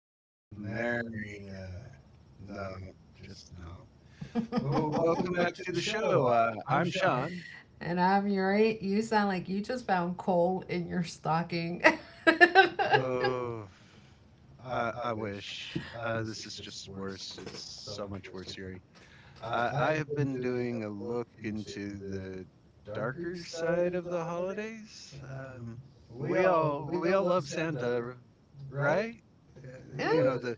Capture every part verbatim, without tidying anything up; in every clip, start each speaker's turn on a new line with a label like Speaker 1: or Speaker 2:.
Speaker 1: uh, Mary, no, just no. Well, welcome back to the show. Uh, I'm Sean.
Speaker 2: And I'm Yuri. You sound like you just found coal in your stocking. Well,
Speaker 1: Oh, I, I wish. Uh, this is just worse. It's so much worse, Yuri. Uh, I have been doing a look into the darker side of the holidays. Um, we all we all love Santa, right? Uh, you know the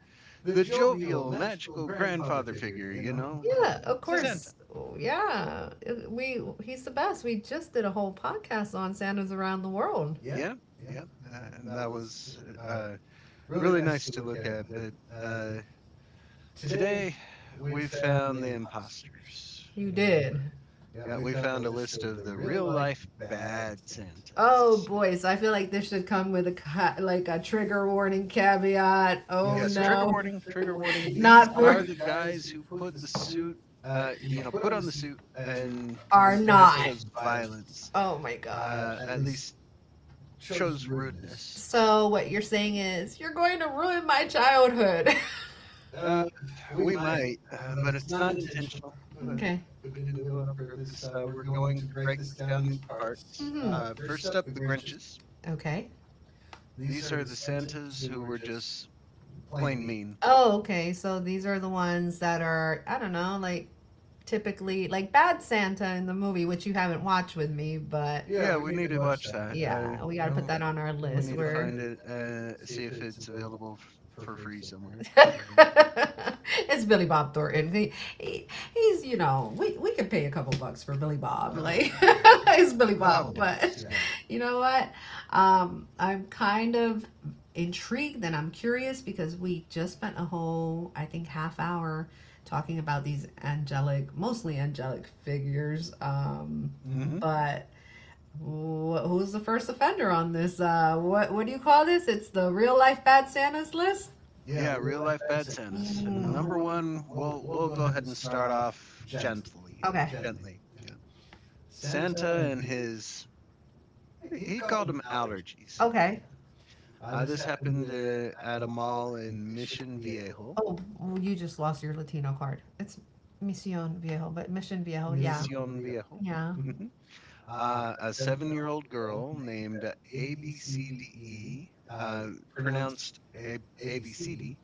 Speaker 1: the jovial, magical grandfather figure, you know,
Speaker 2: yeah,
Speaker 1: um,
Speaker 2: of
Speaker 1: Santa.
Speaker 2: course. Yeah, we he's the best. We just did a whole podcast on Santas around the world.
Speaker 1: Yeah, yeah. Uh, and that was uh, really nice to look at. But uh, today we found the imposters. You know, yeah, we found a list of the real life bad Santas.
Speaker 2: Boy, so I feel like this should come with a ca- like a trigger warning caveat. Oh.
Speaker 1: Yes, trigger warning, trigger warning. These are the guys who put the suit, uh, you know, put on the suit and instead chose violence,
Speaker 2: Oh my.
Speaker 1: uh,
Speaker 2: Uh,
Speaker 1: at least chose rudeness.
Speaker 2: So what you're saying is you're going to ruin my childhood. uh,
Speaker 1: Uh, We might, uh, but it's not intentional. Uh, we didn't do it on purpose. Uh, we're going to break this down into parts. Uh, first up, the Grinches.
Speaker 2: Okay.
Speaker 1: These are the Santas who were just plain mean.
Speaker 2: Oh, okay. So these are the ones that are, I don't know, like typically like Bad Santa in the movie, which you haven't watched with me, but
Speaker 1: Yeah, we need to watch that. Uh,
Speaker 2: yeah, we got to put
Speaker 1: oh,
Speaker 2: that on our We Need
Speaker 1: we
Speaker 2: list.
Speaker 1: need to
Speaker 2: We're…
Speaker 1: find it, uh, see if it's available f- for free somewhere. You know.
Speaker 2: It's Billy Bob Thornton. He, he- he's, you know, we we could pay a couple bucks for Billy Bob.
Speaker 1: Oh,
Speaker 2: Like,
Speaker 1: okay, okay.
Speaker 2: it's Billy
Speaker 1: A
Speaker 2: Bob.
Speaker 1: couple
Speaker 2: But
Speaker 1: bucks, yeah.
Speaker 2: you know what? Um, I'm kind of intrigued and I'm curious because we just spent a whole, I think, half hour talking about these angelic, mostly angelic figures. Um,
Speaker 1: hmm
Speaker 2: but Wh- who's the first offender on this? Uh, what what do you call this? It's the real life bad Santas list.
Speaker 1: Yeah, real life bad Santas.
Speaker 2: Mm,
Speaker 1: And number one, we'll we'll go ahead and start off gently,
Speaker 2: okay,
Speaker 1: gently. Yeah. Santa and his, he called them allergies. Uh,
Speaker 2: okay.
Speaker 1: uh, this happened uh, at a mall in Mission Viejo,
Speaker 2: Oh, well, you just lost your Latino card. It's Misión Viejo, but Mission Viejo, yeah,
Speaker 1: Mission Viejo.
Speaker 2: yeah.
Speaker 1: Mhm. Uh, a seven-year-old girl named A B C D E, uh, pronounced A- ABCD.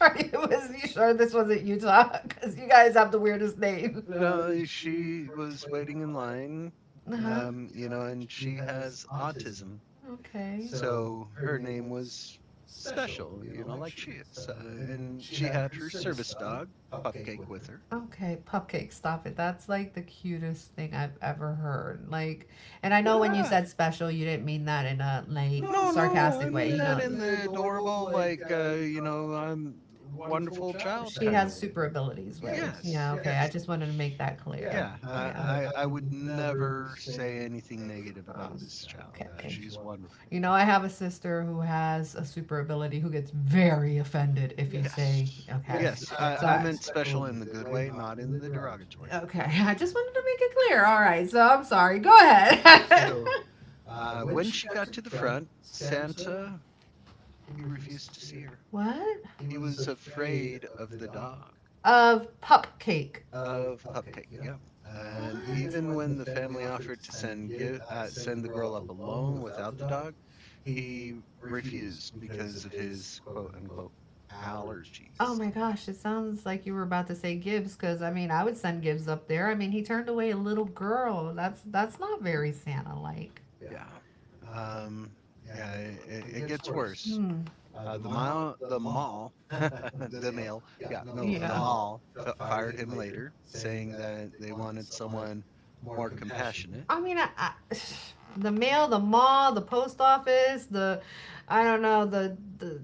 Speaker 2: Are you, was you sure this wasn't Utah? Because you guys have the weirdest name.
Speaker 1: No, she was waiting in line,
Speaker 2: Uh huh.
Speaker 1: um, you know, and she has autism,
Speaker 2: Okay.
Speaker 1: so her name was special, you know, like she is. Uh, and she had her service dog, Cupcake, with her.
Speaker 2: Okay, Pupcake, stop it. That's like the cutest thing I've ever heard. Like, and I know when you
Speaker 1: Yeah.
Speaker 2: said special, you didn't mean that in a — no, like, no,
Speaker 1: No, no, I
Speaker 2: sarcastic way,
Speaker 1: mean
Speaker 2: you
Speaker 1: that
Speaker 2: know.
Speaker 1: in the adorable, like, uh, you know, I'm wonderful child
Speaker 2: She
Speaker 1: kind of
Speaker 2: has
Speaker 1: way.
Speaker 2: super abilities way.
Speaker 1: Yes,
Speaker 2: Yeah, okay. I
Speaker 1: yes.
Speaker 2: just wanted to make that — yeah, clear.
Speaker 1: Yeah, I, I,
Speaker 2: Yeah.
Speaker 1: I would never say anything negative about
Speaker 2: Um,
Speaker 1: this child. Uh,
Speaker 2: okay.
Speaker 1: she's wonderful.
Speaker 2: You know, I have a sister who has a super ability who gets very offended if you
Speaker 1: Yes,
Speaker 2: say, okay. So
Speaker 1: yes. I, I
Speaker 2: I-
Speaker 1: meant special in the good way, not in
Speaker 2: way.
Speaker 1: the derogatory way.
Speaker 2: Okay, I just wanted to make it clear. All right, so I'm sorry. Go ahead.
Speaker 1: So uh, when she got to the front, Santa, he refused to see her.
Speaker 2: What?
Speaker 1: He was afraid of the dog.
Speaker 2: Of pup cake.
Speaker 1: Of Pupcake. Yep. And even
Speaker 2: What?
Speaker 1: when the family offered to send gi- uh, send the girl up alone without the dog, he refused because of his quote unquote
Speaker 2: Oh
Speaker 1: allergies.
Speaker 2: my gosh, it sounds like you were about to say Gibbs, because I mean I would send Gibbs up there. I mean, he turned away a little girl. That's that's not very Santa like.
Speaker 1: Yeah. Um, yeah. It, it gets worse.
Speaker 2: Hmm.
Speaker 1: Uh, the mall, the mall, the mail. Yeah. No,
Speaker 2: Yeah,
Speaker 1: the
Speaker 2: mall.
Speaker 1: mall f- fired him later, saying that they wanted someone more compassionate.
Speaker 2: I mean I, I, the mail, the mall, the post office, the — I don't know — the the-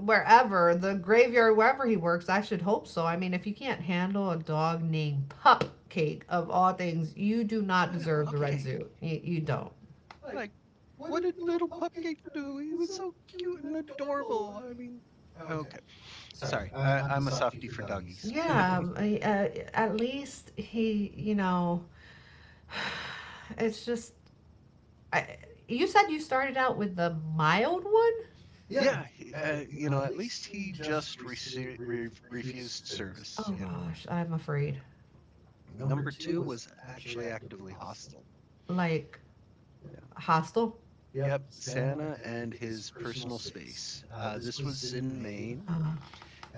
Speaker 2: wherever, the graveyard, wherever he works. I should hope so. I mean, if you can't handle a dog named Pupcake of all things, you do not
Speaker 1: Yeah.
Speaker 2: deserve the red
Speaker 1: Pupcake.
Speaker 2: suit. You, you don't.
Speaker 1: Like, what did little Pupcake do? He was so cute and adorable. I mean, okay, sorry, I, I'm a softie for doggies.
Speaker 2: Yeah, um, I, uh, at least he, you know, it's just — I, you said you started out with the mild one?
Speaker 1: Yeah, he- uh, you know, at least he just rece- re- refused service.
Speaker 2: Oh
Speaker 1: You know,
Speaker 2: gosh, I'm afraid.
Speaker 1: yeah. Number two was actually actively hostile.
Speaker 2: Like
Speaker 1: Yeah.
Speaker 2: hostile.
Speaker 1: Yep. Santa and his personal space. Uh, this was in Maine.
Speaker 2: Uh,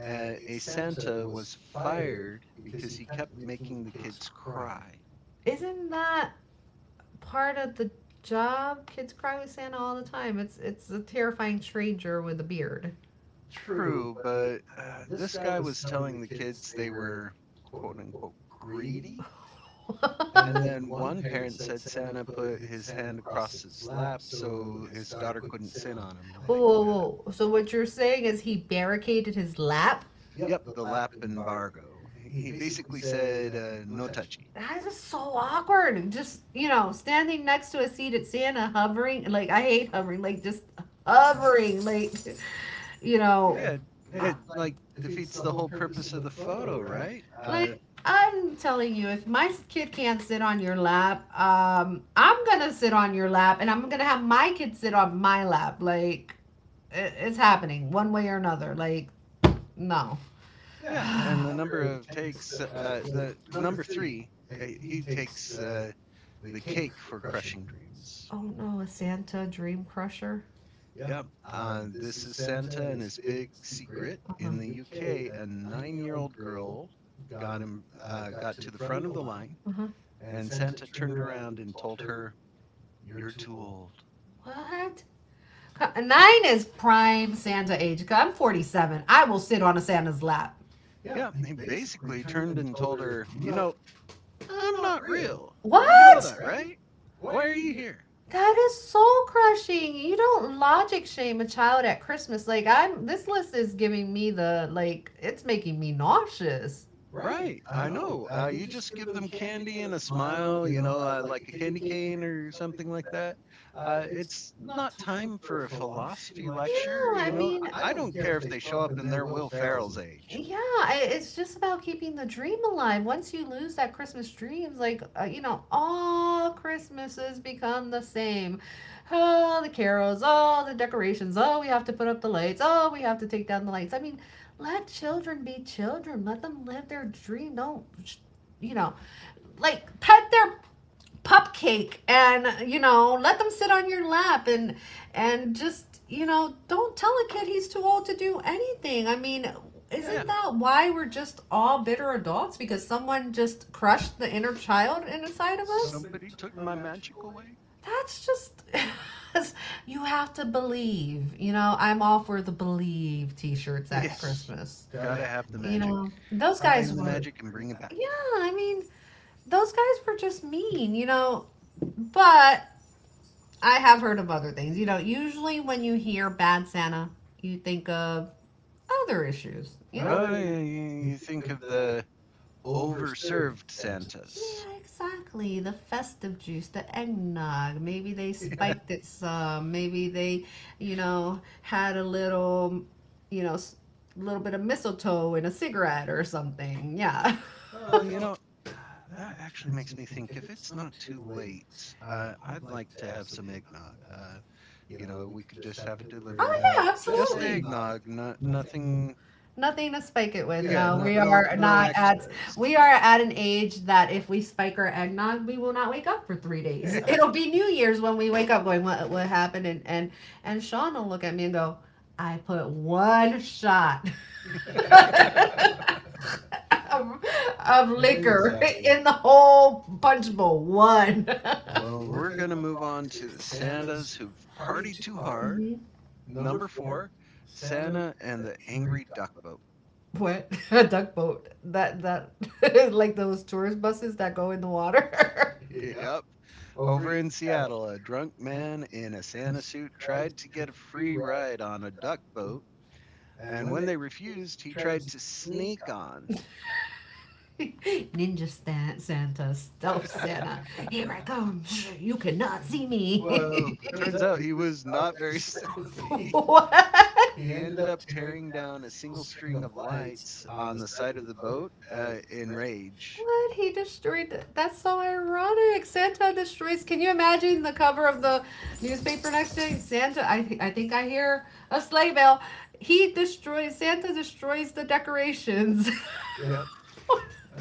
Speaker 1: Uh, a Santa was fired because he kept making the kids cry.
Speaker 2: isn't that part of the job? Kids cry with Santa all the time. It's it's a terrifying stranger with a beard.
Speaker 1: True, but uh, this guy was telling the kids they were quote unquote greedy. And then one parent said Santa put his hand across his lap so his daughter couldn't
Speaker 2: It.
Speaker 1: sit on him.
Speaker 2: Whoa,
Speaker 1: Like,
Speaker 2: whoa, whoa. So what you're saying is he barricaded his lap?
Speaker 1: yep, the lap embargo. He he basically said, uh, no touchy.
Speaker 2: That is so awkward. Just, you know, standing next to a seat at Santa hovering, like I hate hovering, like just hovering, like, you know,
Speaker 1: Yeah,
Speaker 2: Uh,
Speaker 1: it like defeats the whole purpose of the photo, right? Uh,
Speaker 2: like I'm telling you, if my kid can't sit on your lap, um, I'm gonna sit on your lap, and I'm gonna have my kid sit on my lap. Like it, it's happening one way or another. Like no.
Speaker 1: yeah, and the number of takes, uh, the number three, uh, he takes uh, the cake for crushing dreams.
Speaker 2: Oh no, a Santa dream crusher.
Speaker 1: Yeah. Uh, this is Santa and his big secret. In the
Speaker 2: Uh-huh.
Speaker 1: U K, a nine-year-old girl got him uh, got to the front of the line,
Speaker 2: Uh huh.
Speaker 1: and Santa turned around and told her, "You're too old."
Speaker 2: What? Nine is prime Santa age. I'm forty-seven. I will sit on a Santa's lap.
Speaker 1: Yeah, he basically turned and told her, "You know, I'm not real. You know
Speaker 2: What?
Speaker 1: that,
Speaker 2: Yeah,
Speaker 1: right? Why are you here?"
Speaker 2: that is soul crushing. You don't logic shame a child at Christmas. Like I'm — this list is giving me the — like it's making me nauseous.
Speaker 1: Right, I know, uh, you just give them candy and a smile, you know, uh, like a candy cane or something like that. Uh, it's not time for a philosophy lecture,
Speaker 2: Yeah,
Speaker 1: you
Speaker 2: I
Speaker 1: know,
Speaker 2: mean,
Speaker 1: I I don't care if they show up in their Will Ferrell's age.
Speaker 2: yeah, I- it's just about keeping the dream alive. Once you lose that Christmas dreams, like, uh, you know, all Christmases become the same. Oh, the carols, oh, the decorations, oh, we have to put up the lights, oh, we have to take down the lights. I mean, let children be children. Let them live their dream. Don't, sh- you know, like, pet their Pupcake, and, you know, let them sit on your lap, and and just, you know, don't tell a kid he's too old to do anything. I mean,
Speaker 1: Yeah,
Speaker 2: isn't that why we're just all bitter adults, because someone just crushed the inner child inside of us?
Speaker 1: "Somebody took my magic away?"
Speaker 2: That's just you have to believe. You know, I'm all for the Believe t-shirts at
Speaker 1: Yes,
Speaker 2: Christmas.
Speaker 1: gotta have the
Speaker 2: You
Speaker 1: magic.
Speaker 2: know, those guys
Speaker 1: Find the
Speaker 2: were —
Speaker 1: magic and bring it back.
Speaker 2: yeah, I mean, those guys were just mean. You know, but I have heard of other things. You know, usually when you hear Bad Santa, you think of other issues, you know?
Speaker 1: Oh, yeah, you you think of the overserved Santas.
Speaker 2: Yeah, exactly. The festive juice, the eggnog. Maybe they — yeah — spiked it some. Maybe they, you know, had a little, you know, s- little bit of mistletoe in a
Speaker 1: Yeah.
Speaker 2: cigarette or something. Yeah.
Speaker 1: Well, you know, that actually makes me think, if it's not too late, uh, I'd like to have some eggnog. Uh, you know, we could just have it
Speaker 2: Oh
Speaker 1: delivered, uh,
Speaker 2: yeah,
Speaker 1: just
Speaker 2: absolutely.
Speaker 1: eggnog, no,
Speaker 2: Absolutely.
Speaker 1: nothing,
Speaker 2: Nothing to spike it with.
Speaker 1: yeah,
Speaker 2: No,
Speaker 1: no,
Speaker 2: we
Speaker 1: no,
Speaker 2: are
Speaker 1: no
Speaker 2: not at —
Speaker 1: extras.
Speaker 2: we are at an age that if we spike our eggnog, we will not wake up for three days. It'll be New Year's when we wake up going, What what happened? And and and Sean will look at me and go, I put one shot of, of
Speaker 1: Yeah,
Speaker 2: liquor
Speaker 1: exactly.
Speaker 2: in the whole punch bowl. One.
Speaker 1: Well,
Speaker 2: Well,
Speaker 1: we're gonna move on to the Santas who've partied too hard.
Speaker 2: mm-hmm.
Speaker 1: Number four, Santa and the Angry Duck Boat.
Speaker 2: What? A duck boat. That that is like those tourist buses that go in the water.
Speaker 1: Yep. Over in Seattle, a drunk man in a Santa suit tried to get a free ride on a duck boat, and when they refused, he tried to sneak on.
Speaker 2: Ninja Stan- Santa, stealth Santa. Here I come. You cannot see — well,
Speaker 1: Well,
Speaker 2: me.
Speaker 1: turns
Speaker 2: Well,
Speaker 1: out he was not very stealthy.
Speaker 2: what?
Speaker 1: He ended up tearing down a single string of lights on the side of the boat uh, in rage.
Speaker 2: What? He destroyed. th- That's so ironic. Santa destroys. Can you imagine the cover of the newspaper next day? Santa. I I think I hear a sleigh bell. He destroys. Santa destroys the decorations.
Speaker 1: Yep.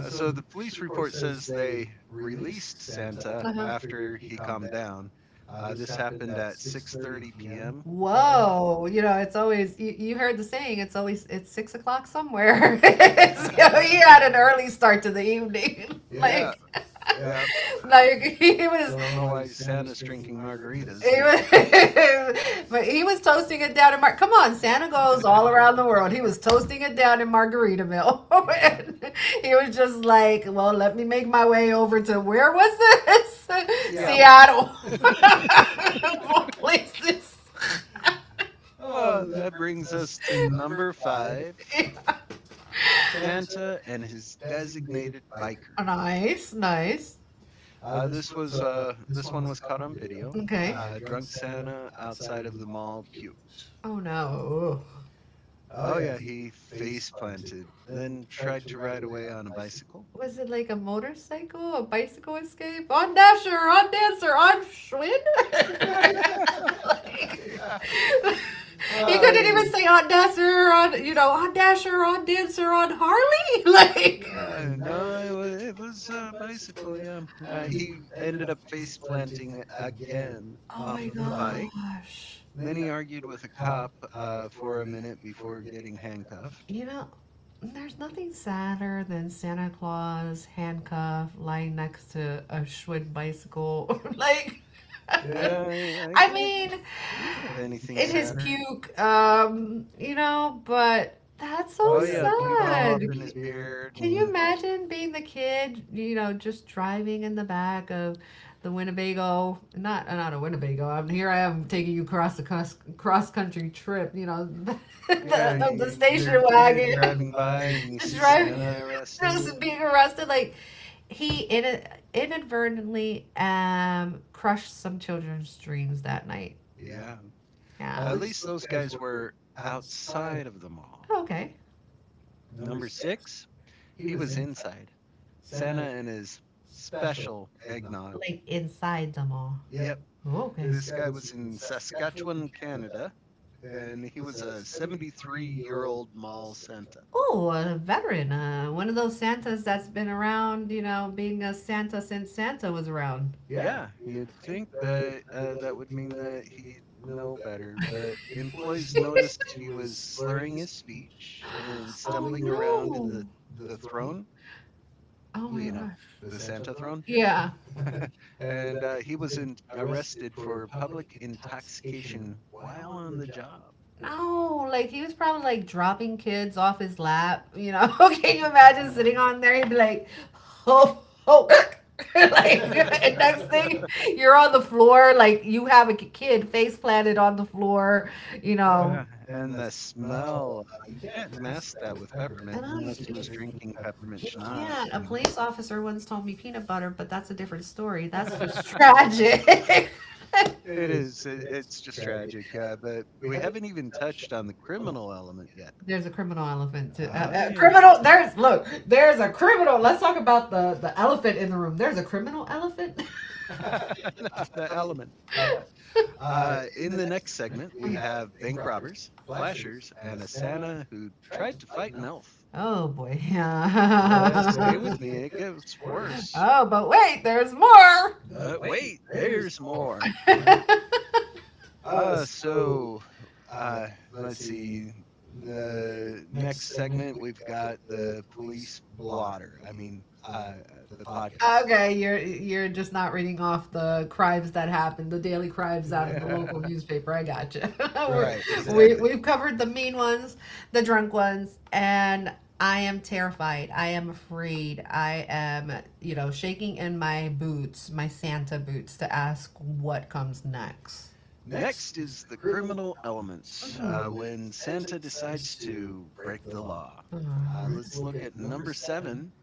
Speaker 1: Uh, so the police report says they released Santa
Speaker 2: Uh-huh.
Speaker 1: after he calmed down. Uh, this happened at six thirty p m. By the way.
Speaker 2: Whoa, you know, it's always — you, you heard the saying, it's always — it's six o'clock somewhere. It's, you know, he had an early start to the evening.
Speaker 1: Yeah.
Speaker 2: Like
Speaker 1: Yep.
Speaker 2: Like he was —
Speaker 1: Don't know why Santa's drinking margaritas,
Speaker 2: he
Speaker 1: but
Speaker 2: was, but he was toasting it down in Mar— come on, Santa goes all around the world. He was toasting it down in Margaritaville.
Speaker 1: yeah,
Speaker 2: And he was just like, "Well, let me make my way over to — where was this?
Speaker 1: Seattle.
Speaker 2: Seattle. Seattle, of all places."
Speaker 1: Uh, that brings us to number five, Santa and his designated biker.
Speaker 2: Nice, nice.
Speaker 1: Uh, this was uh, this one was caught on video.
Speaker 2: Okay.
Speaker 1: Uh, drunk Santa outside of the mall puked.
Speaker 2: Oh no.
Speaker 1: Oh yeah, he face planted, then tried to ride away on a bicycle.
Speaker 2: Was it like a motorcycle, a bicycle escape? On Dasher, on Dancer, on Schwinn? Like, uh, he couldn't
Speaker 1: Uh,
Speaker 2: even say on Dasher, on, you know, on Dasher, on Dancer, on Harley. Like,
Speaker 1: yeah, no, it was, it was a bicycle. Yeah, uh, he ended up face planting again
Speaker 2: oh
Speaker 1: off
Speaker 2: my
Speaker 1: of the bike.
Speaker 2: gosh.
Speaker 1: Then he argued with a cop uh, for a minute before getting handcuffed.
Speaker 2: You know, there's nothing sadder than Santa Claus handcuffed, lying next to a Schwinn bicycle. Like,
Speaker 1: Yeah, I, I
Speaker 2: I
Speaker 1: can't
Speaker 2: mean,
Speaker 1: think of anything
Speaker 2: in his
Speaker 1: sadder.
Speaker 2: puke. Um, you know, but that's so
Speaker 1: Oh yeah, puke all
Speaker 2: sad.
Speaker 1: up in his
Speaker 2: C-
Speaker 1: beard,
Speaker 2: Can you
Speaker 1: and
Speaker 2: imagine being the kid, you know, just driving in the back of the Winnebago? Not uh, not a Winnebago. I'm here. I am taking you across the cross, cross country trip. You know, the — yeah,
Speaker 1: yeah,
Speaker 2: the,
Speaker 1: you,
Speaker 2: the you're,
Speaker 1: you- you're
Speaker 2: station
Speaker 1: a kid
Speaker 2: wagon,
Speaker 1: driving by and you
Speaker 2: just
Speaker 1: see
Speaker 2: driving,
Speaker 1: Santa
Speaker 2: just
Speaker 1: arrested.
Speaker 2: being arrested. Like he in, inadvertently um crushed some children's dreams that night.
Speaker 1: Yeah,
Speaker 2: Yeah.
Speaker 1: at least those guys were outside of the mall.
Speaker 2: Oh, okay.
Speaker 1: Number six, he was inside. Santa and his special eggnog.
Speaker 2: Like inside the mall.
Speaker 1: Yep,
Speaker 2: Oh, okay.
Speaker 1: this guy was in Saskatchewan, Canada, and he was a seventy-three year old mall Santa.
Speaker 2: Oh, a veteran. Uh, one of those Santas that's been around, you know, being a Santa since Santa was around.
Speaker 1: Yeah, you'd think that uh, that would mean that he'd know better, but employees noticed he was slurring his speech and
Speaker 2: Oh,
Speaker 1: stumbling
Speaker 2: the,
Speaker 1: around in the,
Speaker 2: no.
Speaker 1: the throne,
Speaker 2: Oh my
Speaker 1: you know, the
Speaker 2: gosh.
Speaker 1: Santa throne.
Speaker 2: Yeah.
Speaker 1: and uh, he was in, arrested for public intoxication while on the job.
Speaker 2: No, like he was probably like dropping kids off his lap. You know, can you imagine sitting on there? He'd be like, oh, oh, like and next thing you're on the floor, like you have a k- kid face planted on the floor. You — yeah,
Speaker 1: Yeah,
Speaker 2: know,
Speaker 1: and the smell, uh, you can't mask that with
Speaker 2: I
Speaker 1: peppermint
Speaker 2: know you,
Speaker 1: unless he was
Speaker 2: you
Speaker 1: drinking peppermint
Speaker 2: you can't.
Speaker 1: schnapps,
Speaker 2: A
Speaker 1: you know.
Speaker 2: police officer once told me peanut butter, but that's a different story. That's just tragic.
Speaker 1: It is. It, it's just tragic. Uh, but we haven't even touched on the criminal element yet.
Speaker 2: There's a criminal elephant. To,
Speaker 1: Oh,
Speaker 2: uh, uh,
Speaker 1: yeah.
Speaker 2: criminal. There's look. There's a criminal. Let's talk about the the elephant in the room. There's a criminal elephant.
Speaker 1: No, the element. Yeah. Uh, in the next segment, we have bank robbers, flashers, and a Santa who tried to fight an elf.
Speaker 2: Oh boy.
Speaker 1: Yeah, stay with
Speaker 2: That —
Speaker 1: me. It gets worse.
Speaker 2: oh, but wait. There's more.
Speaker 1: But wait, there's more. Yeah. Uh, so uh, let's see. The next segment, we've got the police blotter. I mean, uh, uh, the podcast.
Speaker 2: Okay, you're — you're just not reading off the crimes that happened, the daily crimes out of
Speaker 1: Yeah,
Speaker 2: the local newspaper. I got you. Right,
Speaker 1: right,
Speaker 2: we — We
Speaker 1: exactly.
Speaker 2: we've covered the mean ones, the drunk ones, and I am terrified. I am afraid. I am, you know, shaking in my boots, my Santa boots, to ask what comes next.
Speaker 1: Next is the criminal element uh, when Santa decides to break the law.
Speaker 2: uh,
Speaker 1: Uh, let's look
Speaker 2: right.
Speaker 1: at number seven,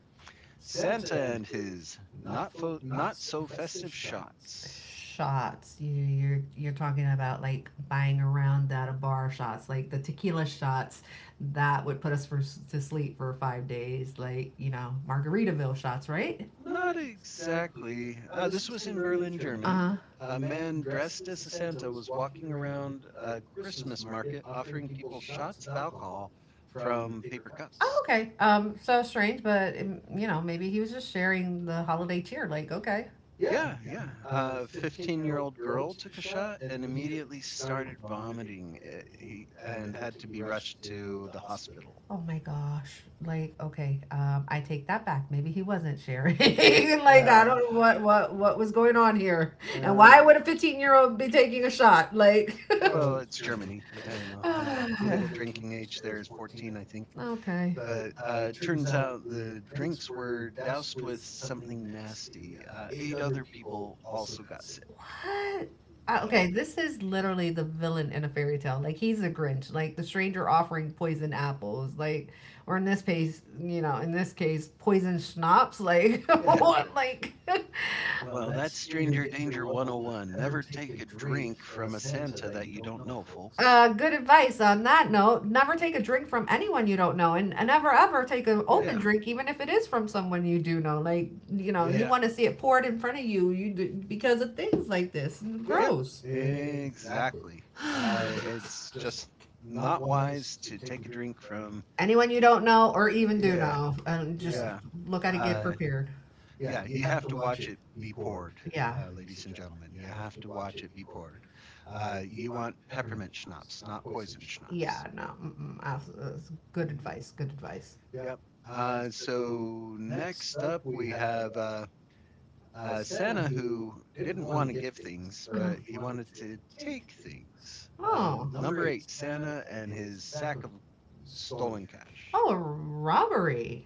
Speaker 1: Santa and his not, fo- not so festive shots.
Speaker 2: Shots. You, you're you're talking about like buying around at a bar shots, like the tequila shots that would put us for, to sleep for five days, like you know Margaritaville shots, right?
Speaker 1: Not exactly. Uh, this was in Berlin,
Speaker 2: Uh
Speaker 1: Germany.
Speaker 2: huh.
Speaker 1: A man dressed as a Santa was walking around a Christmas market offering people shots of alcohol from paper cups.
Speaker 2: Oh, okay. Um, so strange, but um, you know maybe he was just sharing the holiday cheer. Like, okay.
Speaker 1: Yeah, yeah. uh, A fifteen-year-old girl took a shot and immediately started vomiting. Uh, he and had to be rushed to the hospital.
Speaker 2: Oh my gosh. Like, okay, um, I take that back. Maybe he wasn't sharing. Like, I
Speaker 1: Yeah,
Speaker 2: don't know what what what was going on here. And
Speaker 1: uh,
Speaker 2: why
Speaker 1: like,
Speaker 2: would a fifteen-year-old be taking a shot? Like,
Speaker 1: well, it's Germany. I don't know. Uh, legal
Speaker 2: think.
Speaker 1: drinking age there is fourteen, I think.
Speaker 2: Okay.
Speaker 1: But uh, turns out the drinks were doused with something nasty. Uh, eight other people also got sick.
Speaker 2: What? Uh,
Speaker 1: Yeah,
Speaker 2: okay, this is literally the villain in a fairy tale. Like he's a Grinch, like the stranger offering poison apples, like, or in this case, you know, in this case, poison schnapps. Like
Speaker 1: yeah.
Speaker 2: what? Like
Speaker 1: Well, that's Stranger Danger one zero one. Never take a drink from a Santa that you don't know,
Speaker 2: uh,
Speaker 1: folks.
Speaker 2: good advice on that note. Never take a drink from anyone you don't know, and, and never ever take an, yeah, open
Speaker 1: Yeah,
Speaker 2: drink, even if it is from someone you do know. Like, you know, you, yeah,
Speaker 1: yeah.
Speaker 2: want to see it poured in front of you, you d- because of things like this. Yeah,
Speaker 1: Yep,
Speaker 2: gross.
Speaker 1: exactly. Uh, it's just not wise to take a drink from.
Speaker 2: Anyone you don't know, or even do
Speaker 1: Yeah,
Speaker 2: know, and just
Speaker 1: yeah,
Speaker 2: look at it, get
Speaker 1: uh,
Speaker 2: prepared.
Speaker 1: yeah. You have to watch it be poured,
Speaker 2: Yeah.
Speaker 1: uh, ladies and gentlemen. You have to watch it be poured. Uh, you want peppermint schnapps, not poison schnapps.
Speaker 2: Yeah, no, mm-mm, abs- that's good
Speaker 1: hmm
Speaker 2: advice. Good advice.
Speaker 1: Yep. Uh, so next up, we have uh, uh, Santa, who didn't want to give things, but he wanted to take things. Uh, number eight, Santa and his sack of stolen cash.
Speaker 2: Oh, a robbery.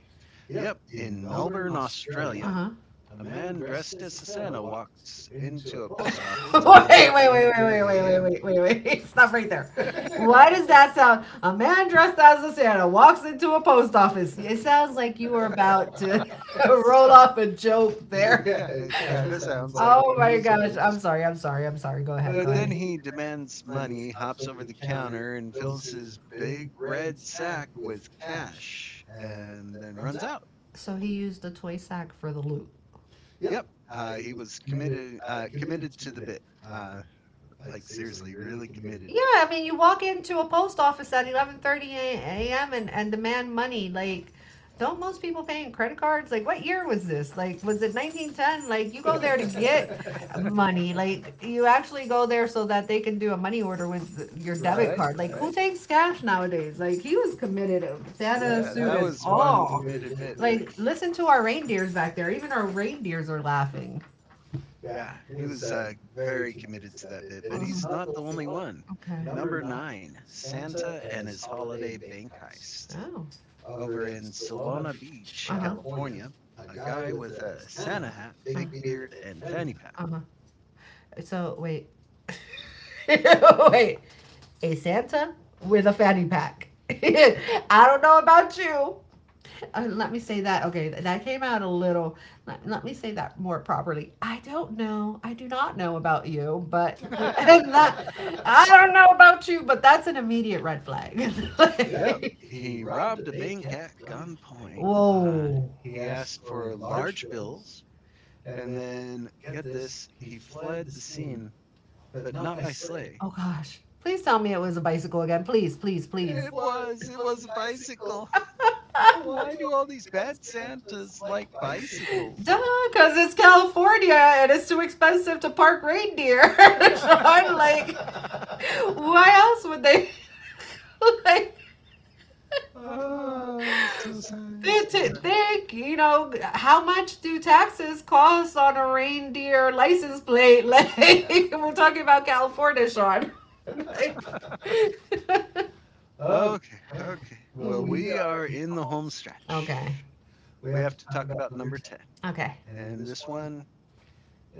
Speaker 1: Yep, in Melbourne, Australia,
Speaker 2: Uh
Speaker 1: a man dressed as a Santa walks into a post office at
Speaker 2: huh. Wait, wait, wait, wait, wait,
Speaker 1: 11:30
Speaker 2: wait,
Speaker 1: a.m.
Speaker 2: wait, wait, wait, wait. Stop right there. Why does that sound? A man dressed as a Santa walks into a post office. It sounds like you were about to roll off a joke there.
Speaker 1: Yeah, it
Speaker 2: Yeah.
Speaker 1: kind of sounds like
Speaker 2: Oh
Speaker 1: one of
Speaker 2: my
Speaker 1: those
Speaker 2: gosh. I'm
Speaker 1: jokes.
Speaker 2: sorry. I'm sorry. I'm sorry. Go ahead. Go
Speaker 1: But then
Speaker 2: ahead.
Speaker 1: he demands money, hops over the counter, and fills his big red sack with cash, and then runs out.
Speaker 2: So he used a toy sack for the loot.
Speaker 1: Yep, uh, he was committed uh, committed to the bit. Uh, like seriously, really committed.
Speaker 2: Yeah, I mean, you walk into a post office at eleven thirty a m and and demand money. Like, don't most people pay in credit cards? Like, what year was this? Like, was it nineteen ten? Like, you go there to get money. Like, you actually go there so that they can do a money order with your, right, debit
Speaker 1: Right,
Speaker 2: card. Like,
Speaker 1: right.
Speaker 2: who takes cash nowadays? Like, he was committed. Santa
Speaker 1: Yeah,
Speaker 2: suit
Speaker 1: that
Speaker 2: and
Speaker 1: was one
Speaker 2: all.
Speaker 1: committed bit, but
Speaker 2: Like, listen to our reindeers back there. Even our reindeers are laughing.
Speaker 1: yeah, he was, uh, very committed to that bit, but he's not the only one.
Speaker 2: Okay.
Speaker 1: Number nine, Santa and His Holiday Bank Heist.
Speaker 2: Oh.
Speaker 1: Over in Solana Beach, California, a guy with a Santa hat,
Speaker 2: Uh.
Speaker 1: fake beard, and fanny pack.
Speaker 2: Uh-huh. So wait, wait, a Santa with a fanny pack. I don't know about you. Uh, let me say that. Okay, that came out a little. Let, let me say that more properly. I don't know. I do not know about you, but and that, I don't know about you, but that's an immediate red flag.
Speaker 1: Yep,
Speaker 2: Like,
Speaker 1: he robbed a bank at gunpoint. Uh,
Speaker 2: whoa.
Speaker 1: he asked for large bills, and then, get this, he fled the scene, but not by sleigh.
Speaker 2: Oh gosh. Please tell me it was a bicycle again. Please, please. It, please.
Speaker 1: It was, it was a bicycle. Why do all these bad Santas like bicycles?
Speaker 2: Duh, because it's California and it's too expensive to park reindeer. So I'm like, why else would they like
Speaker 1: Oh, it's so sad.
Speaker 2: they
Speaker 1: It's so
Speaker 2: t-
Speaker 1: sad.
Speaker 2: think, you know, how much do taxes cost on a reindeer license plate? Like we're talking about California, Sean. Like.
Speaker 1: Yeah. Okay, okay. Well, we are
Speaker 2: Hmm.
Speaker 1: in the home
Speaker 2: Okay.
Speaker 1: stretch. We have to talk about number ten.
Speaker 2: Okay.
Speaker 1: And this one,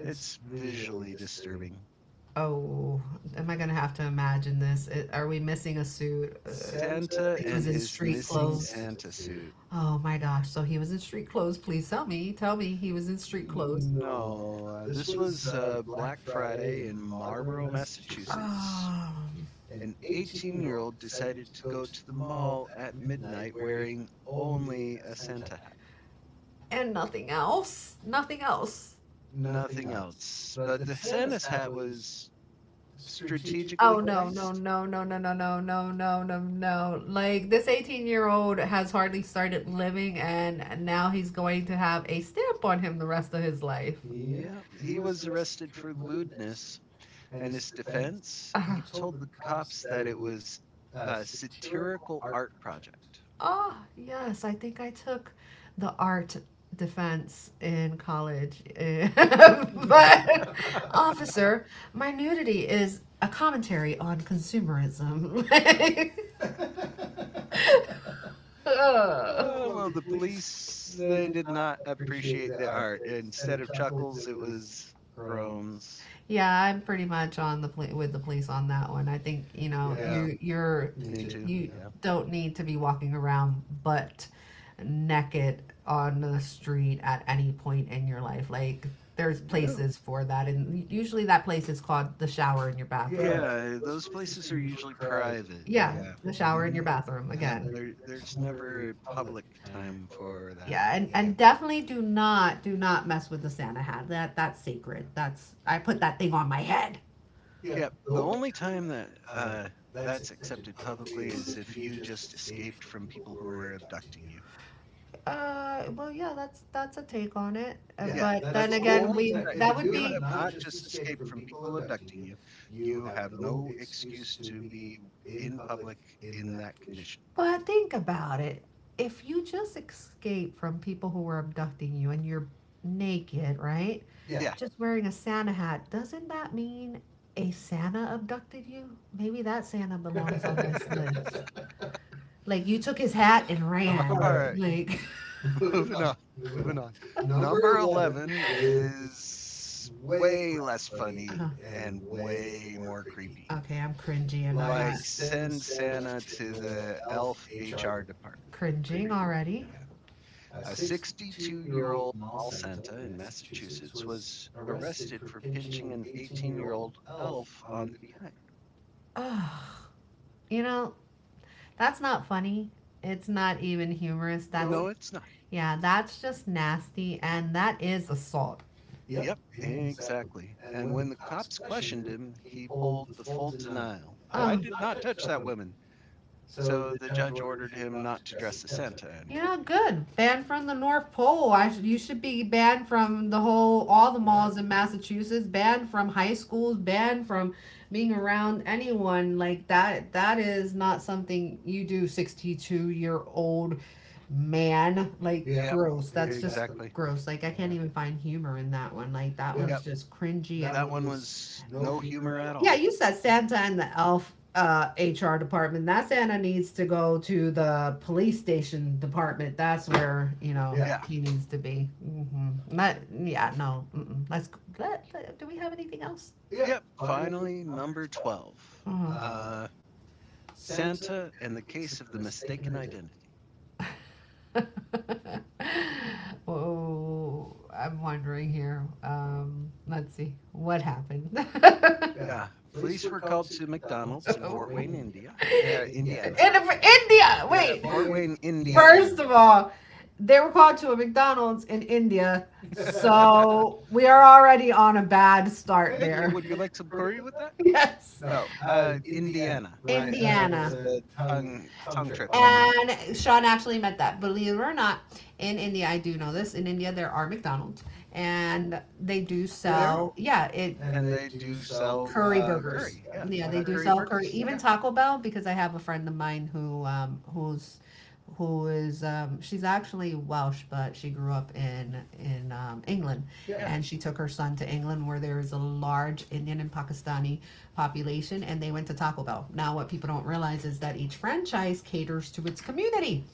Speaker 1: it's visually disturbing.
Speaker 2: Oh, am I gonna have to imagine this? It, are we missing a suit? Uh,
Speaker 1: Santa
Speaker 2: he was
Speaker 1: and
Speaker 2: in
Speaker 1: his
Speaker 2: street
Speaker 1: missing
Speaker 2: clothes.
Speaker 1: Santa suit.
Speaker 2: Oh my gosh. So he was in street clothes. Please tell me. Tell me he was in street clothes.
Speaker 1: No, uh, this was uh, Black Friday in Marlborough, Massachusetts.
Speaker 2: Um,
Speaker 1: An eighteen year old decided to go to the mall at midnight wearing only a Santa hat,
Speaker 2: and nothing else. Nothing else.
Speaker 1: nothing else. But the Santa's hat was
Speaker 2: Oh
Speaker 1: strategically
Speaker 2: no, no,
Speaker 1: placed.
Speaker 2: no, no, no, no, no, no, no, no, no. Like this eighteen year old has hardly started living, and now he's going to have a stamp on him the rest of his life.
Speaker 1: Yeah, he was arrested for lewdness. And his defense, he told the cops that it was a satirical art project.
Speaker 2: Oh, yes, I think I took the art defense in college. But officer, my nudity is a commentary on consumerism. Like,
Speaker 1: Uh, well, the
Speaker 2: ugh.
Speaker 1: police they
Speaker 2: Did.
Speaker 1: did not appreciate the art. Instead of chuckles, it was groans.
Speaker 2: Yeah, I'm pretty much on the poli- with the police on that one. I think, you know
Speaker 1: Yeah,
Speaker 2: you you're
Speaker 1: me too.
Speaker 2: you
Speaker 1: Yeah.
Speaker 2: don't need to be walking around butt naked on the street at any point in your life. Like there's no
Speaker 1: No.
Speaker 2: places for that, and usually that place is called the shower in your bathroom. Yeah,
Speaker 1: Yeah, those places are usually private.
Speaker 2: the,
Speaker 1: Yeah.
Speaker 2: there's shower in your
Speaker 1: Mhm.
Speaker 2: never, bathroom
Speaker 1: Yep,
Speaker 2: again.
Speaker 1: there there's never a public time for that.
Speaker 2: Yeah, and,
Speaker 1: Yeah.
Speaker 2: and definitely do not do not mess with the Santa hat. That that's sacred. That's, I put that thing on my head.
Speaker 1: Yep, the only time that, uh, that's accepted publicly is if you
Speaker 2: As.
Speaker 1: just escaped from people who were abducting you.
Speaker 2: Uh, well, yeah, that's that's a take on it. Uh,
Speaker 1: Yeah,
Speaker 2: but then
Speaker 1: that's
Speaker 2: whole
Speaker 1: the
Speaker 2: again,
Speaker 1: only
Speaker 2: we
Speaker 1: uh,
Speaker 2: that
Speaker 1: if
Speaker 2: would
Speaker 1: you
Speaker 2: be.
Speaker 1: have not just escaped from people abducting you, you have no excuse to be in public in that condition.
Speaker 2: But think about it. If you just escape from people who were abducting you and you're naked, right?
Speaker 1: Yeah.
Speaker 2: Just wearing a Santa hat, doesn't that mean a Santa abducted you? Maybe that Santa belongs on this list. Like you took his hat and ran. ran. Right.
Speaker 1: Alright.
Speaker 2: Like.
Speaker 1: Moving on. Moving on. Number eleven is way less funny and
Speaker 2: Uh-huh.
Speaker 1: way more creepy.
Speaker 2: Okay, I'm cringy and I'm
Speaker 1: Like,
Speaker 2: not
Speaker 1: send Santa to the elf H R department.
Speaker 2: cringing
Speaker 1: Creepy.
Speaker 2: already.
Speaker 1: A sixty-two year old mall Santa in Massachusetts was arrested for pinching an eighteen year old elf on the behind.
Speaker 2: Ugh. You know, that's not funny. It's not even humorous. That's
Speaker 1: No,
Speaker 2: it's-
Speaker 1: it's not.
Speaker 2: yeah, that's just nasty, and that is assault.
Speaker 1: Yep, exactly. And when the cops questioned him, he pulled the full denial. I
Speaker 2: Ugh.
Speaker 1: did not touch that woman. So the judge ordered him not to dress as Santa
Speaker 2: You're
Speaker 1: anymore.
Speaker 2: not good. Banned from the North Pole. I sh- you should be banned from the whole, all the malls in Massachusetts. Banned from high schools. Banned from being around anyone like that. That is not something you do. Sixty-two year old man. Like
Speaker 1: Yeah. Yep.
Speaker 2: gross. That's just
Speaker 1: Exactly.
Speaker 2: gross. Like I can't
Speaker 1: Yeah.
Speaker 2: even find humor in that one. Like that one's
Speaker 1: Yep.
Speaker 2: just cringy.
Speaker 1: That one
Speaker 2: And-
Speaker 1: was no humor at
Speaker 2: yeah,
Speaker 1: all.
Speaker 2: you said Santa and the elf uh, H R department. That Santa needs to go to the police station department. That's where, you know,
Speaker 1: Yeah.
Speaker 2: he needs to be. Hmm. Not. Yeah, no. Mm-mm. Let's let, let- do we have anything else?
Speaker 1: Yep. Finally, number twelve.
Speaker 2: Mhm.
Speaker 1: Uh, Santa and the case of the mistaken identity.
Speaker 2: Oh, I'm wondering here. Um, let's see what happened.
Speaker 1: Yeah. Police were called to McDonald's in Fort Wayne, India. Uh,
Speaker 2: Yeah,
Speaker 1: Indiana.
Speaker 2: in
Speaker 1: Sorry.
Speaker 2: India. Yeah,
Speaker 1: Yeah.
Speaker 2: wait.
Speaker 1: Fort Wayne, Indiana.
Speaker 2: First of all, they were called to a McDonald's in India, so we are already on a bad start
Speaker 1: Thank you.
Speaker 2: there.
Speaker 1: Would you like some curry with that?
Speaker 2: Yes.
Speaker 1: No. Uh, Indiana. My uh, was
Speaker 2: Indiana.
Speaker 1: a tongue tongue trip on my part.
Speaker 2: And Sean actually meant that. Believe it or not, in India, I do know this. In India, there are McDonald's, and they do
Speaker 1: There are.
Speaker 2: sell. Yeah, yeah, it.
Speaker 1: And they do sell
Speaker 2: Curry
Speaker 1: uh,
Speaker 2: burgers.
Speaker 1: curry,
Speaker 2: Yeah,
Speaker 1: yeah,
Speaker 2: yeah, they
Speaker 1: uh,
Speaker 2: do
Speaker 1: curry
Speaker 2: sell curry.
Speaker 1: burgers,
Speaker 2: Even
Speaker 1: yeah,
Speaker 2: Taco Bell, because I have a friend of mine who um who's who is um she's actually Welsh, but she grew up in in um, England,
Speaker 1: yeah,
Speaker 2: and she took her son to England where there is a large Indian and Pakistani population, and they went to Taco Bell. Now what people don't realize is that each franchise caters to its community.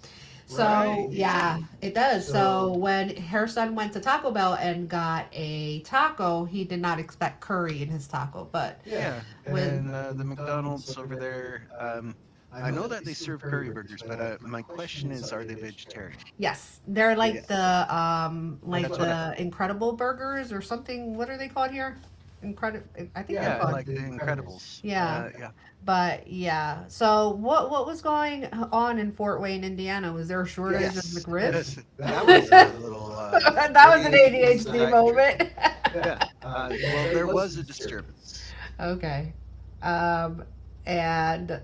Speaker 2: Right. So
Speaker 1: right,
Speaker 2: yeah,
Speaker 1: exactly.
Speaker 2: it does. So,
Speaker 1: So
Speaker 2: when her son went to Taco Bell and got a taco, he did not expect curry in his taco, but
Speaker 1: yeah,
Speaker 2: with.
Speaker 1: and uh, the McDonald's over there, um, I know that they serve curry burgers, but uh, my question is, are they vegetarian?
Speaker 2: Yes, they're like
Speaker 1: Yes,
Speaker 2: the um that's like I
Speaker 1: that's what I thought.
Speaker 2: the Incredible Burgers or something. What are they called here? Incredible. I think they're, yeah,
Speaker 1: Yeah, like
Speaker 2: called. Uh,
Speaker 1: the
Speaker 2: Yeah,
Speaker 1: Incredibles.
Speaker 2: yeah.
Speaker 1: Uh, yeah,
Speaker 2: But yeah. So what what was going on in Fort Wayne, Indiana? Was there a shortage of, yes,
Speaker 1: yes,
Speaker 2: McRibs?
Speaker 1: that was a little uh,
Speaker 2: That uh, was
Speaker 1: A D H D
Speaker 2: an
Speaker 1: side trip.
Speaker 2: moment.
Speaker 1: Yeah. Uh, well, there was a disturbance.
Speaker 2: Okay. Um, and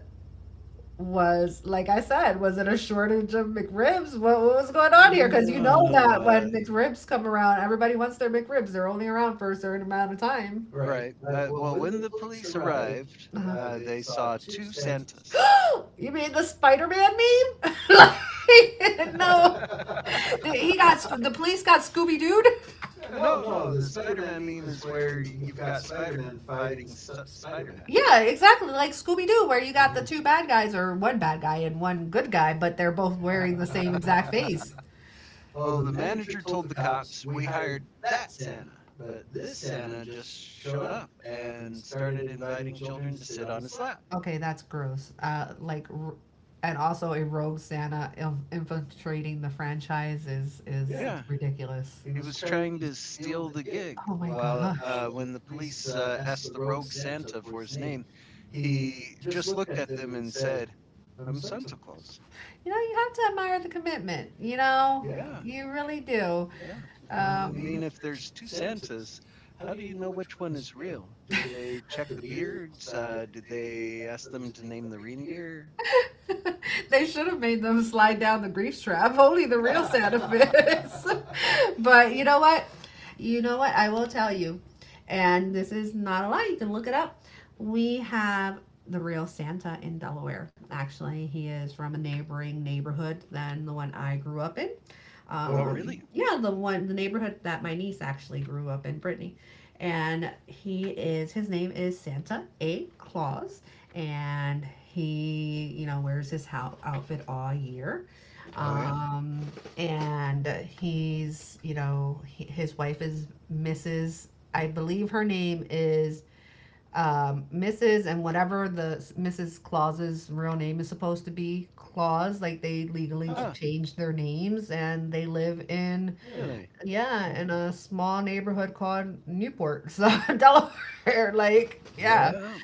Speaker 2: was like I said, was it a shortage of McRibs? What, what was going on here? Because you
Speaker 1: No,
Speaker 2: know that when
Speaker 1: no.
Speaker 2: McRibs come around, everybody wants their McRibs. They're only around for a certain amount of time.
Speaker 1: Right. Uh, well, when the police arrived,
Speaker 2: uh
Speaker 1: uh, they saw two Santas.
Speaker 2: you mean the Spider-Man meme? Like, no, he got the police got Scooby Doo.
Speaker 1: Uh, No, no, the Spider-Man meme is where you've got Spider fighting st- Spider-Man.
Speaker 2: Yeah, exactly, like Scooby Doo, where you got the two bad guys or one bad guy and one good guy, but they're both wearing the same exact face.
Speaker 1: Oh, the manager told the cops we hired that Santa, but this Santa just showed up and started inviting children to sit on his lap.
Speaker 2: Okay, that's gross. Uh, like, r- and also a rogue Santa il- infiltrating the franchise is is
Speaker 1: Yeah,
Speaker 2: ridiculous.
Speaker 1: he was trying to steal the gig.
Speaker 2: Oh my
Speaker 1: While
Speaker 2: gosh.
Speaker 1: uh, When the police uh, asked the rogue Santa for his name, he just looked at them and said, "I'm Santa Claus."
Speaker 2: You know, you have to admire the commitment. You know,
Speaker 1: Yeah,
Speaker 2: you really do.
Speaker 1: yeah. Uh, I mean,
Speaker 2: Um,
Speaker 1: if there's two Santas, how do you know which one is real? Did they check the beards? Uh, did they ask them to name the reindeer?
Speaker 2: they should have made them slide down the grief trap. Only the real Santa fits. But you know what? You know what? I will tell you, and this is not a lie. You can look it up. We have the real Santa in Delaware. Actually, he is from a neighboring neighborhood than the one I grew up in.
Speaker 1: Oh,
Speaker 2: Um,
Speaker 1: really?
Speaker 2: Yeah, the one the neighborhood that my niece actually grew up in, Brittany, and he is his name is Santa A. Claus, and he, you know wears his hou- outfit all year,
Speaker 1: Oh, yeah?
Speaker 2: um and he's you know he, his wife is Mrs. I believe her name is um Mrs., and whatever the Mrs. Claus's real name is supposed to be Claus. Like they legally
Speaker 1: Huh,
Speaker 2: changed their names, and they live in,
Speaker 1: really?
Speaker 2: yeah,
Speaker 1: Yeah.
Speaker 2: in a small neighborhood called Newport. So Delaware, like, yeah.
Speaker 1: Well,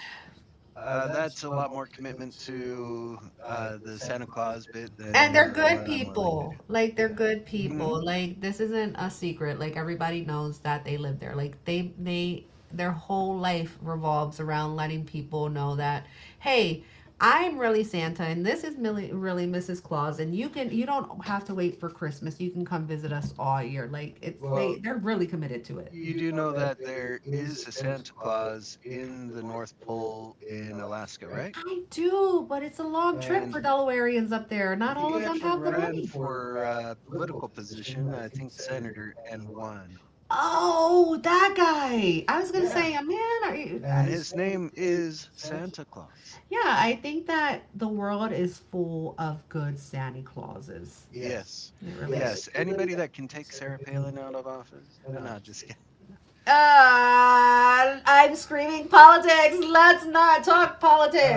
Speaker 1: uh, that's a lot more commitment to uh, the Santa Claus bit
Speaker 2: And
Speaker 1: than
Speaker 2: they're the,
Speaker 1: uh,
Speaker 2: good
Speaker 1: what I'm willing to do.
Speaker 2: people. Like they're
Speaker 1: Yeah.
Speaker 2: good, mhm,
Speaker 1: Hmm.
Speaker 2: people. Like this isn't a secret. Like everybody knows that they live there. Like they they their whole life revolves around letting people know that, hey, I'm really Santa, and this is really, really missus Claus, and you can you don't have to wait for Christmas. You can come visit us all year. Like it's they
Speaker 1: Well,
Speaker 2: they're really committed to it.
Speaker 1: you do know that there is a Santa Claus in the North Pole in Alaska, right?
Speaker 2: I do, but it's a long trip
Speaker 1: And
Speaker 2: for Delawareans up there. Not all of
Speaker 1: he
Speaker 2: them have
Speaker 1: actually
Speaker 2: the
Speaker 1: ran
Speaker 2: money.
Speaker 1: for a political position, I think senator, and won.
Speaker 2: Oh, that guy! I was gonna
Speaker 1: Yeah,
Speaker 2: say, a man, are you?
Speaker 1: and his name is Santa Claus.
Speaker 2: Yeah, I think that the world is full of good Santa Clauses. It
Speaker 1: Yes,
Speaker 2: really is.
Speaker 1: yes. Anybody that can take Sarah Palin out of office? Uh, no, just kidding.
Speaker 2: Uh, I'm screaming politics. Let's not talk. Oh,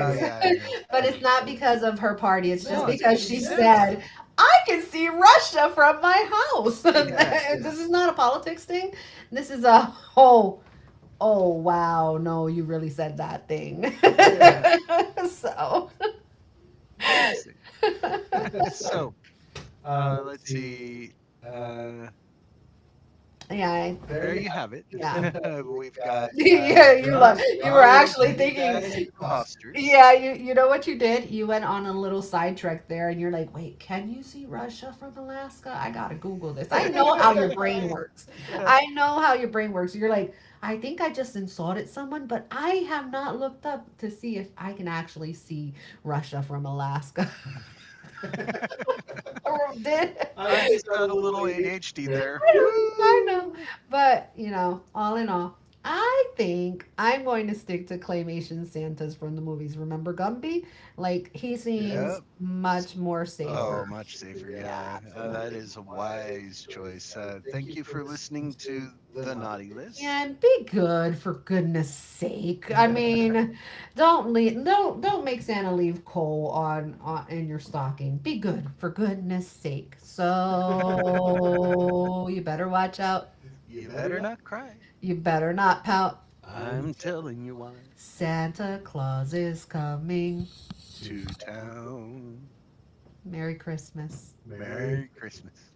Speaker 1: Oh
Speaker 2: Oh,
Speaker 1: yeah, I know,
Speaker 2: yeah. But
Speaker 1: I
Speaker 2: it's
Speaker 1: know.
Speaker 2: not
Speaker 1: But
Speaker 2: because of her party. It's just
Speaker 1: no, it's
Speaker 2: because
Speaker 1: because
Speaker 2: she
Speaker 1: he's Santa.
Speaker 2: said, "I can see Russia from my house." This,
Speaker 1: Yes,
Speaker 2: yes,
Speaker 1: yes,
Speaker 2: is not a politics thing. This is a, oh, oh, wow. No, you really said that thing.
Speaker 1: yeah.
Speaker 2: Yeah. So.
Speaker 1: My mistake. So uh, let's see. Uh,
Speaker 2: Yeah,
Speaker 1: there you have it.
Speaker 2: yeah.
Speaker 1: We've
Speaker 2: Are,
Speaker 1: got
Speaker 2: yeah, you, like,
Speaker 1: drunks,
Speaker 2: you were strong.
Speaker 1: robbers,
Speaker 2: Actually
Speaker 1: naked guys,
Speaker 2: thinking.
Speaker 1: and imposters.
Speaker 2: Yeah, you you know what you did? You went on a little sidetrack there, and you're like, "Wait, can you see Russia from Alaska? I got to Google this." I know how your brain
Speaker 1: I-
Speaker 2: works. I know how your brain works. You're like, "I think I just insulted someone, but I have not looked up to see if I can actually see Russia from Alaska." Or did
Speaker 1: I just got a little A D H D there.
Speaker 2: know, I know.
Speaker 1: Woo!
Speaker 2: But, you know, all in all, I think I'm going to stick to claymation Santas from the movies. Remember Gumby? Like, he seems
Speaker 1: Yep.
Speaker 2: much more. Oh,
Speaker 1: Oh,
Speaker 2: safer.
Speaker 1: much safer.
Speaker 2: Yeah,
Speaker 1: Yeah, uh, that
Speaker 2: absolutely.
Speaker 1: is a wise choice. Uh, thank you for listening to the naughty list.
Speaker 2: And be good for goodness sake. I mean, don't leave. Don't don't make Santa leave coal on, on in your stocking. Be good, for goodness' sake. So you better watch out.
Speaker 1: You better not cry.
Speaker 2: You better not pout.
Speaker 1: I'm telling you why.
Speaker 2: Santa Claus is coming.
Speaker 1: To town.
Speaker 2: Merry Christmas.
Speaker 1: Merry Christmas.